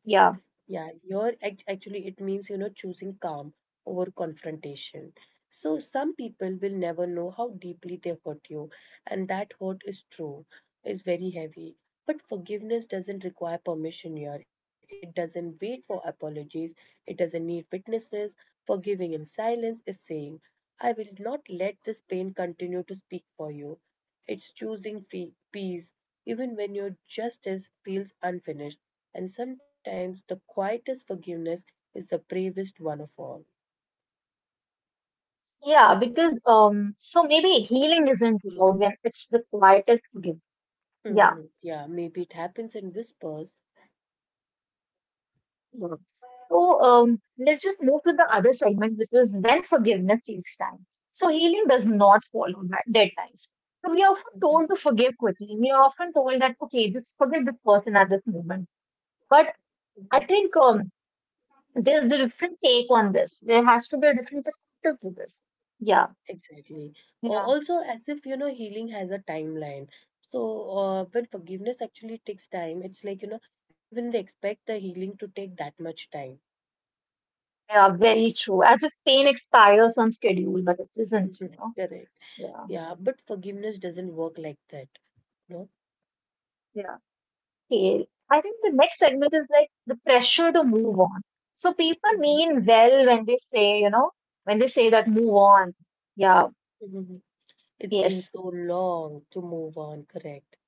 Speaker 2: Yeah.
Speaker 1: Yeah, here actually it means, you know, choosing calm over confrontation. So some people will never know how deeply they hurt you, and that hurt is true, is very heavy. But forgiveness doesn't require permission here. It doesn't wait for apologies. It doesn't need witnesses. Forgiving in silence is saying, I will not let this pain continue to speak for you. It's choosing peace, even when your justice feels unfinished. And sometimes the quietest forgiveness is the bravest one of all.
Speaker 2: Yeah, because so maybe healing isn't loud when it's the quietest gift. Yeah.
Speaker 1: Mhm. Yeah, maybe it happens in whispers.
Speaker 2: Yeah. So let's just move to the other segment, which is when forgiveness takes time. So healing does not follow that deadlines. So we are often told to forgive quickly. We are often told that okay, just forgive this person at this moment. But I
Speaker 1: Mhm.
Speaker 2: think there's a different take on this. There has to be a different perspective to this. Yeah,
Speaker 1: Exactly. Or
Speaker 2: yeah,
Speaker 1: also, as if you know, healing has a timeline. So, when forgiveness actually takes time, it's like you know, even they expect the healing to take that much time.
Speaker 2: yeah. Very true. As if pain expires on schedule, but it isn't. You know.
Speaker 1: Correct.
Speaker 2: Yeah.
Speaker 1: Yeah, but forgiveness doesn't work like that. No.
Speaker 2: Yeah. Scale, I think the next segment is like the pressure to move on. So people
Speaker 1: Mhm.
Speaker 2: mean well when they say, you know, when they say that move on. Yeah,
Speaker 1: Mhm. It's been
Speaker 2: yes.
Speaker 1: so long to move on, correct?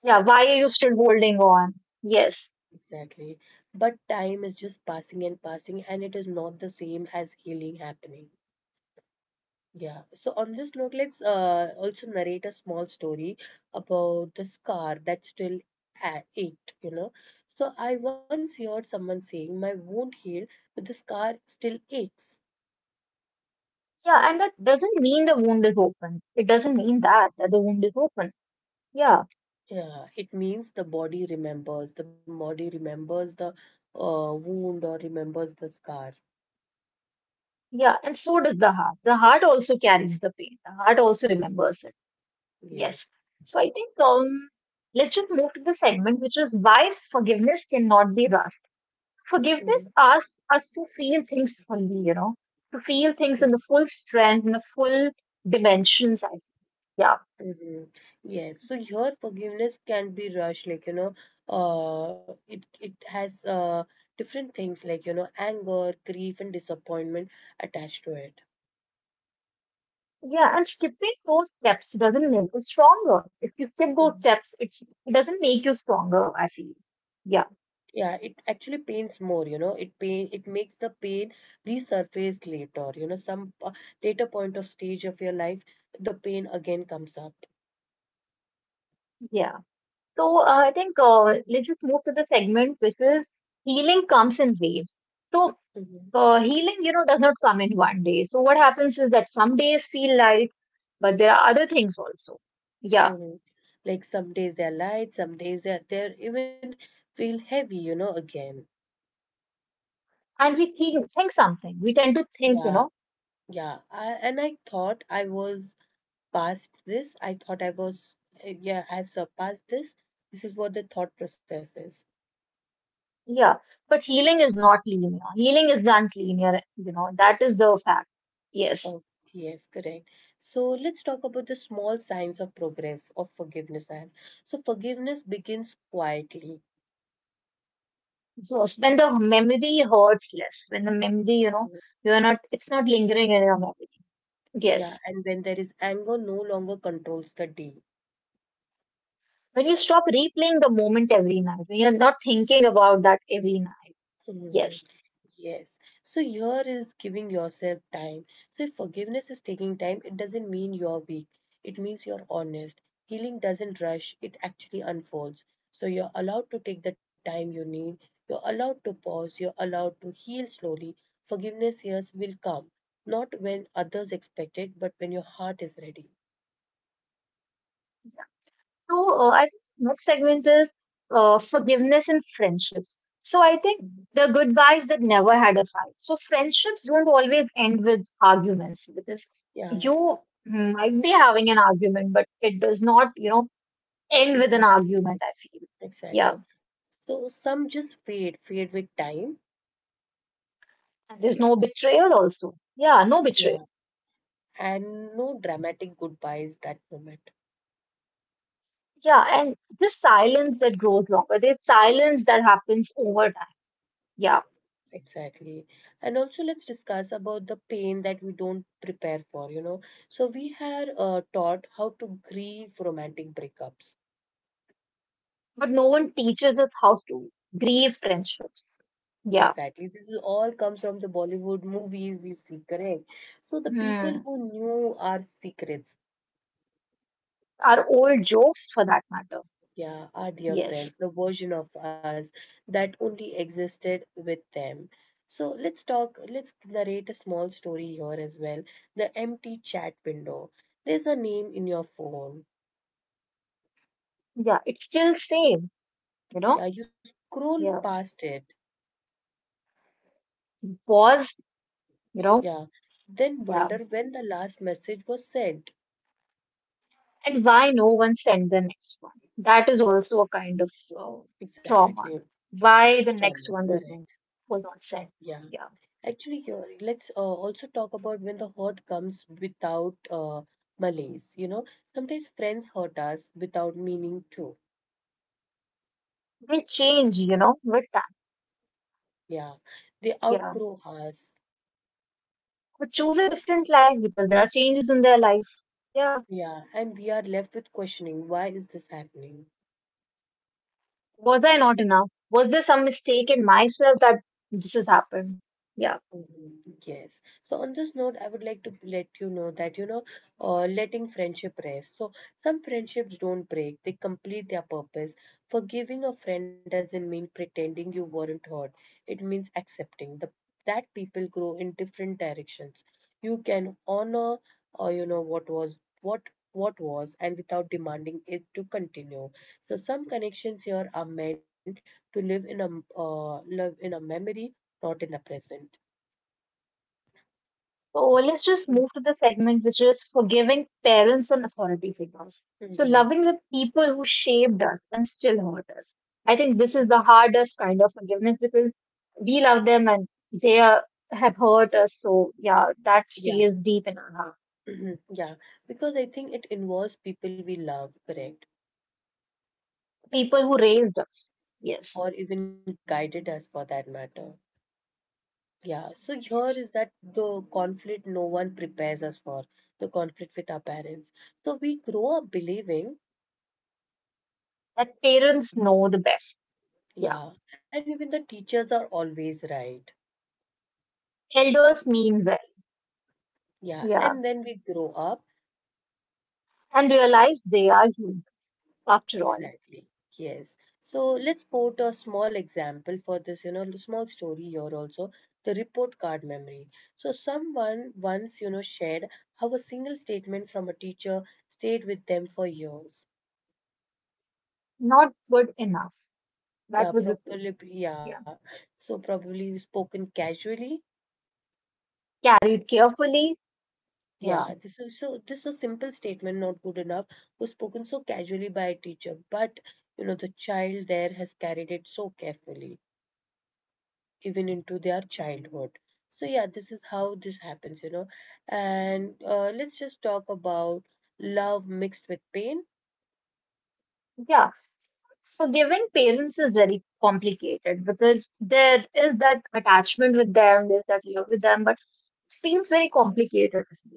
Speaker 2: Yeah, why are you still holding on? Yes.
Speaker 1: Exactly. But time is just passing and passing, and it is not the same as healing happening. Yeah. So on this note, let's also narrate a small story about the scar that still ached, you know. So I once heard someone saying, My wound healed, but the scar still aches.
Speaker 2: Yeah, and that doesn't mean the wound is open. It doesn't mean that, that the wound is open. Yeah,
Speaker 1: Yeah, it means the body remembers. The body remembers the wound or remembers the scar.
Speaker 2: yeah. And so does the heart. The heart also carries the pain. The heart also
Speaker 1: Yes.
Speaker 2: remembers it.
Speaker 1: Yes.
Speaker 2: Yes. So I think let's just move to the segment, which is why forgiveness cannot be rushed.
Speaker 1: Mhm.
Speaker 2: Forgiveness asks us to feel things fully, you know, to feel things in the full strength, in the full dimensions. I- Yeah.
Speaker 1: Mhm. Yes, so your forgiveness can be rushed, like you know, it has different things like you know, anger, grief, and disappointment attached to it.
Speaker 2: Yeah. And skipping those steps doesn't make us stronger. If you skip those
Speaker 1: Mhm.
Speaker 2: steps, it's, it doesn't make you stronger, I feel. Yeah.
Speaker 1: Yeah, it actually pains more, you know, it makes the pain resurface later, you know, later point of stage of your life, the pain again comes up.
Speaker 2: Yeah. So I think let's just move to the segment, which is healing comes in waves. So
Speaker 1: Mhm.
Speaker 2: healing, you know, does not come in one day. So what happens is that some days feel light, but there are other things also. Yeah.
Speaker 1: Mhm. Like some days they're light, some days they're even feel heavy, you know, again.
Speaker 2: And we think something. We tend to think, you
Speaker 1: Yeah,
Speaker 2: know,
Speaker 1: Yeah, and I thought I was past this. I thought I was, yeah, I've surpassed this. This is what the thought process is.
Speaker 2: yeah, but healing is not linear. Healing is not linear, you know, that is the fact. Yes.
Speaker 1: Oh, yes, correct. So let's talk about the small signs of progress of forgiveness as. So forgiveness begins quietly.
Speaker 2: So when the memory hurts less, when the memory, you know, you're not, it's not lingering in your memory. Yes.
Speaker 1: Yeah, and when there is anger, no longer controls the day.
Speaker 2: When you stop replaying the moment every night, when you're not thinking about that every night.
Speaker 1: Mhm.
Speaker 2: Yes.
Speaker 1: Yes. So here is giving yourself time. So if forgiveness is taking time, it doesn't mean you're weak. It means you're honest. Healing doesn't rush, it actually unfolds. So you're allowed to take the time you need. You're allowed to pause. You're allowed to heal slowly. Forgiveness years will come, not when others expect it, but when your heart is ready.
Speaker 2: So I think next segment is forgiveness and friendships. So I think
Speaker 1: Mhm.
Speaker 2: the good guys that never had a fight. So friendships don't always end with arguments because
Speaker 1: Yeah,
Speaker 2: you might be having an argument, but it does not, you know, end with an
Speaker 1: mhm,
Speaker 2: argument, I feel. Yeah.
Speaker 1: exactly. So some just fade with time.
Speaker 2: And there's no betrayal also. Yeah, no
Speaker 1: Yeah,
Speaker 2: betrayal.
Speaker 1: and no dramatic goodbyes that moment.
Speaker 2: Yeah, and this silence that grows longer, there's silence that happens over time. Yeah.
Speaker 1: Exactly. And also let's discuss about the pain that we don't prepare for, you know. So we are taught how to grieve romantic breakups.
Speaker 2: But no one teaches us how to grieve friendships. Yeah.
Speaker 1: Exactly, this is all comes from the Bollywood movies we see, correct. So the people
Speaker 2: Hmm.
Speaker 1: who knew our secrets.
Speaker 2: Our old jokes for that matter.
Speaker 1: Yeah, our dear
Speaker 2: Yes.
Speaker 1: friends, the version of us that only existed with them. So let's narrate a small story here as well. The empty chat window. There's a name in your phone.
Speaker 2: Yeah, it's still same, you know?
Speaker 1: Yeah, you scroll
Speaker 2: Yeah.
Speaker 1: past it.
Speaker 2: Pause, you know?
Speaker 1: Yeah, then
Speaker 2: Yeah.
Speaker 1: wonder when the last message was sent.
Speaker 2: And why no one sent the next one? That is also a kind of uh,
Speaker 1: Exactly.
Speaker 2: trauma. Why the
Speaker 1: Trauma,
Speaker 2: next one did
Speaker 1: correct.
Speaker 2: not, was not sent?
Speaker 1: Yeah.
Speaker 2: Yeah.
Speaker 1: Actually, Gauri, let's also talk about when the hurt comes without malice. You know, sometimes friends hurt us without meaning to.
Speaker 2: They change, you know, with time.
Speaker 1: Yeah, they
Speaker 2: Yeah.
Speaker 1: outgrow us.
Speaker 2: Or choose a different life because there are changes in their life. Yeah.
Speaker 1: Yeah, and we are left with questioning, why is this happening?
Speaker 2: Was I not enough? Was there some mistake in myself that this has happened? Yeah.
Speaker 1: Mhm. Yes. So on this note, I would like to let you know that, you know, letting friendship rest. So some friendships don't break, they complete their purpose. Forgiving a friend doesn't mean pretending you weren't hurt. It means accepting that people grow in different directions. You can honor, or you know, what, what was, and without demanding it to continue. So some connections here are meant to live in live in a memory, not in the present.
Speaker 2: So let's just move to the segment which is forgiving parents and authority figures. So
Speaker 1: Mm-hmm.
Speaker 2: loving the people who shaped us and still hurt us. I think this is the hardest kind of forgiveness because we love them and they are, have hurt us. So yeah, that
Speaker 1: Yeah,
Speaker 2: stays deep in our heart.
Speaker 1: mhm, yeah, because I think it involves people we love, correct,
Speaker 2: People who raised us. Yes,
Speaker 1: or even guided us for that matter. Yeah, so here
Speaker 2: yes.
Speaker 1: is that the conflict no one prepares us for, the conflict with our parents. So we grow up believing,
Speaker 2: That parents know the best. Yeah.
Speaker 1: yeah, and even the teachers are always right.
Speaker 2: Elders mean well.
Speaker 1: Yeah,
Speaker 2: Yeah.
Speaker 1: and then we grow up.
Speaker 2: And realize they are human after all.
Speaker 1: Exactly. Yes. So let's put a small example for this, you know, small story here also, the report card memory. So someone once, you know, shared how a single statement from a teacher stayed with them for years.
Speaker 2: Not good enough. That was
Speaker 1: Yeah,
Speaker 2: the thing.
Speaker 1: probably, yeah. So probably spoken casually.
Speaker 2: Carried carefully.
Speaker 1: Yeah,
Speaker 2: Yeah,
Speaker 1: this was simple statement, not good enough, was spoken so casually by a teacher, but you know, the child there has carried it so carefully, even into their childhood. So yeah, this is how this happens, you know. And let's just talk about love mixed with pain.
Speaker 2: yeah. Forgiving parents is very complicated because there is that attachment with them, there's that love with them, but it feels very complicated to me.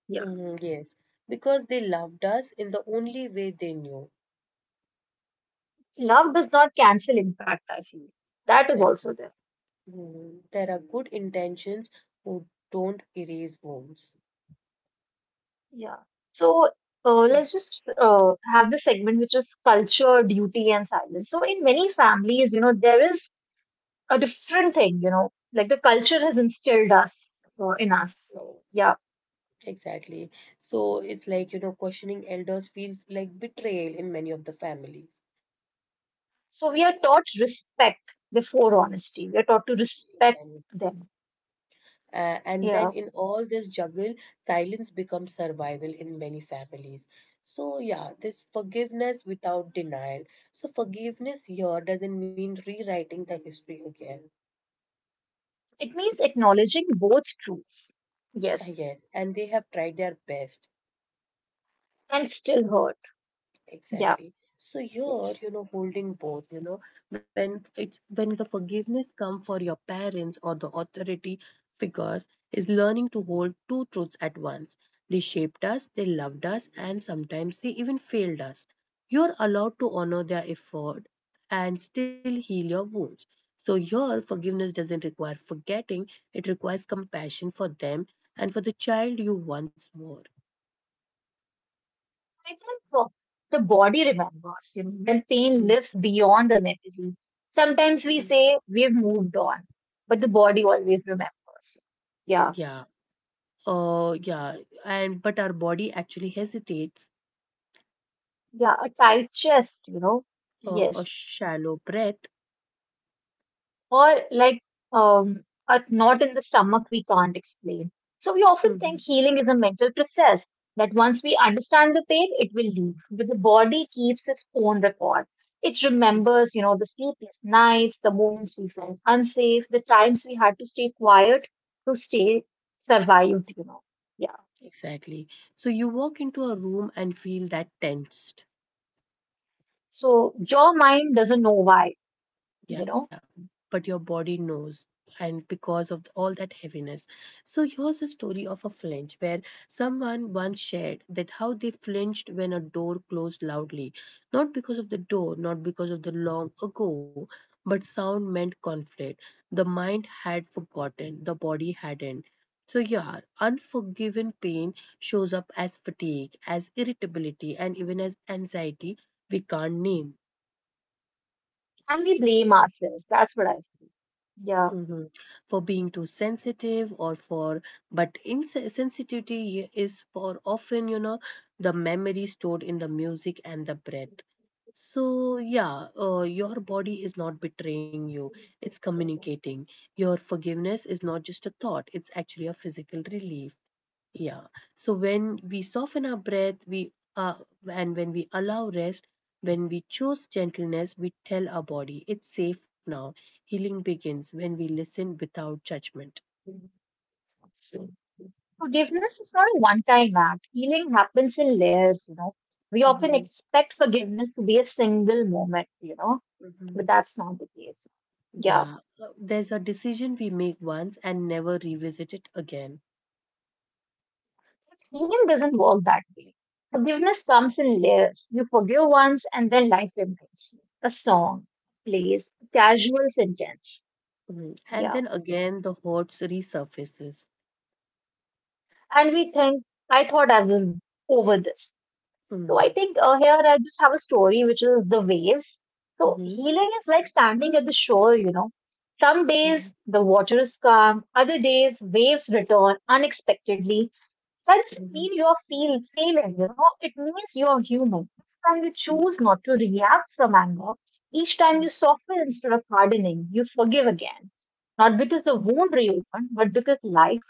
Speaker 2: Yeah,
Speaker 1: Mhm, yes, because they loved us in the only way they knew.
Speaker 2: love does not cancel impact. I feel that is also
Speaker 1: Exactly.
Speaker 2: there.
Speaker 1: Mhm. There are good intentions who don't erase wounds.
Speaker 2: Yeah. So
Speaker 1: Mhm,
Speaker 2: let's just have the segment which is culture, duty, and silence. So in many families, you know, there is a different thing. You know, like the culture has instilled us in us. So yeah.
Speaker 1: exactly. So it's like, you know, questioning elders feels like betrayal in many of the families.
Speaker 2: So we are taught respect before honesty. We are taught to respect
Speaker 1: Exactly.
Speaker 2: them.
Speaker 1: And then
Speaker 2: Yeah.
Speaker 1: in all this juggle, silence becomes survival in many families. So, yeah, this forgiveness without denial. So, forgiveness here doesn't mean rewriting the history again.
Speaker 2: It means acknowledging both truths. Yes.
Speaker 1: Yes, and they have tried their best.
Speaker 2: And still hurt. Yeah.
Speaker 1: Exactly. So you're,
Speaker 2: Yes.
Speaker 1: you know, holding both, you know, when the forgiveness come for your parents or the authority figures is learning to hold two truths at once. They shaped us, they loved us, and sometimes they even failed us. You're allowed to honor their effort and still heal your wounds. So your forgiveness doesn't require forgetting, it requires compassion for them and for the child you once were.
Speaker 2: I think the body remembers, you know, when pain
Speaker 1: Mhm.
Speaker 2: lives beyond the memory. Sometimes we say we've moved on, but the body always remembers. Yeah.
Speaker 1: Yeah. Uh, yeah, and but our body actually hesitates.
Speaker 2: Yeah. A tight chest, you know.
Speaker 1: A
Speaker 2: Yes.
Speaker 1: shallow breath.
Speaker 2: Or like um, a knot in the stomach we can't explain. So we often think
Speaker 1: Mhm,
Speaker 2: healing is a mental process that once we understand the pain, it will leave. But the body keeps its own record. It
Speaker 1: mhm,
Speaker 2: remembers, you know, the sleepless nights, the moments we felt unsafe, the times we had to stay quiet to stay survived, you know. Yeah.
Speaker 1: exactly. So you walk into a room and feel that tense.
Speaker 2: So your mind doesn't know why, you
Speaker 1: Yeah,
Speaker 2: know,
Speaker 1: but your body knows, and because of all that heaviness. So, here's a story of a flinch where someone once shared that how they flinched when a door closed loudly. Not because of the door, not because of the long ago, but sound meant conflict. The mind had forgotten, the body hadn't. So, yeah, unforgiven pain shows up as fatigue, as irritability, and even as anxiety we can't name.
Speaker 2: and we blame ourselves. That's what I feel.
Speaker 1: Hmm. For being too sensitive or for, but insensitivity is for often, you know, the memory stored in the music and the breath. So, yeah, your body is not betraying you, it's communicating. Your forgiveness is not just a thought, it's actually a physical relief. Yeah. So when we soften our breath, we and when we allow rest, when we choose gentleness, we tell our body it's safe now. Healing begins when we listen without judgment.
Speaker 2: Yeah. Forgiveness is not a one-time act. Healing happens in layers, you know. We often
Speaker 1: Hmm.
Speaker 2: expect forgiveness to be a single moment, you know,
Speaker 1: Hmm.
Speaker 2: but that's not the case. Yeah.
Speaker 1: Yeah, there's a decision we make once and never revisit it again.
Speaker 2: But healing doesn't work that way. Forgiveness comes in layers. You forgive once and then life reminds you. A song, a place, a casual sentence.
Speaker 1: Mhm. And
Speaker 2: Yeah.
Speaker 1: then again, the hurts resurfaces.
Speaker 2: And we think, I thought I was over this. So I
Speaker 1: Mhm.
Speaker 2: think here I just have a story, which is the waves. So
Speaker 1: Hmm.
Speaker 2: healing is like standing at the shore, you know. Some days the water is calm, other days waves return unexpectedly. That doesn't
Speaker 1: Hmm.
Speaker 2: mean you're feel, failing, you know. It means you're human. Each time you choose not to react from anger, each time
Speaker 1: Hmm.
Speaker 2: you soften instead of hardening, you forgive again. Not because the wound reopened, but because life.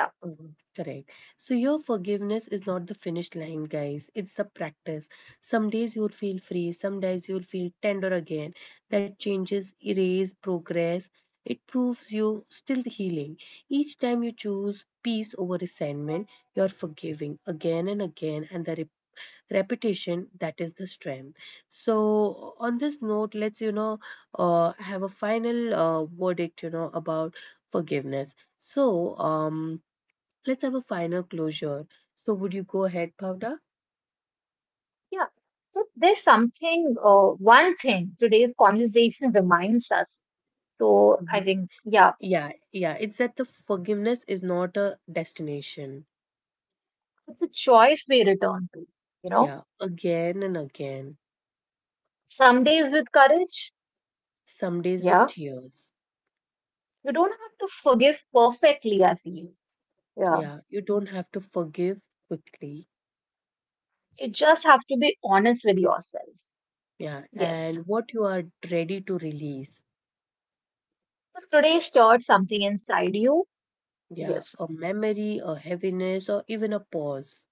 Speaker 2: Yeah.
Speaker 1: Mhm, correct. So your forgiveness is not the finish line, guys. It's the practice. Some days you'll feel free, some days you'll feel tender again. That changes, erase, progress. It proves you still healing. Each time you choose peace over resentment, you're forgiving again and again, and the repetition that is the strength. So on this note, let's you know have a final verdict, you know, about forgiveness. So um let's have a final closure. So, would you go ahead, Pavda?
Speaker 2: Yeah. So there's something, one thing today's conversation reminds us. So I
Speaker 1: Mhm.
Speaker 2: think, yeah,
Speaker 1: Yeah. It's that the forgiveness is not a destination.
Speaker 2: it's a choice we return to. You know,
Speaker 1: Yeah, again and again.
Speaker 2: some days with courage,
Speaker 1: Some days with
Speaker 2: yeah,
Speaker 1: tears.
Speaker 2: you don't have to forgive perfectly, I feel. Yeah,
Speaker 1: Yeah, you don't have to forgive quickly.
Speaker 2: you just have to be honest with yourself.
Speaker 1: Yeah,
Speaker 2: Yes.
Speaker 1: and what you are ready to release.
Speaker 2: So today stored something inside you.
Speaker 1: Yeah,
Speaker 2: Yes.
Speaker 1: a memory, a heaviness, or even a pause.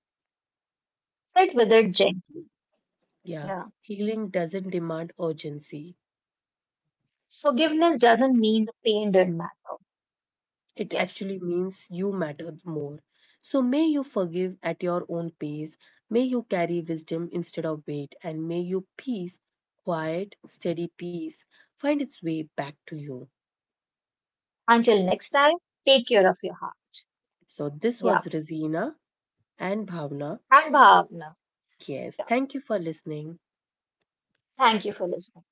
Speaker 2: Sit with it gently.
Speaker 1: Yeah,
Speaker 2: Yeah.
Speaker 1: healing doesn't demand urgency.
Speaker 2: Forgiveness doesn't mean the pain didn't matter.
Speaker 1: It
Speaker 2: Yes.
Speaker 1: actually means you matter more. So may you forgive at your own pace, may you carry wisdom instead of weight, and may you peace, quiet, steady peace, find its way back to you.
Speaker 2: Until next time, take care of your heart.
Speaker 1: So this
Speaker 2: Yeah.
Speaker 1: was Rosina and Bhavna.
Speaker 2: And Bhavna.
Speaker 1: Yes,
Speaker 2: Yeah.
Speaker 1: thank you for listening.
Speaker 2: Thank you for listening.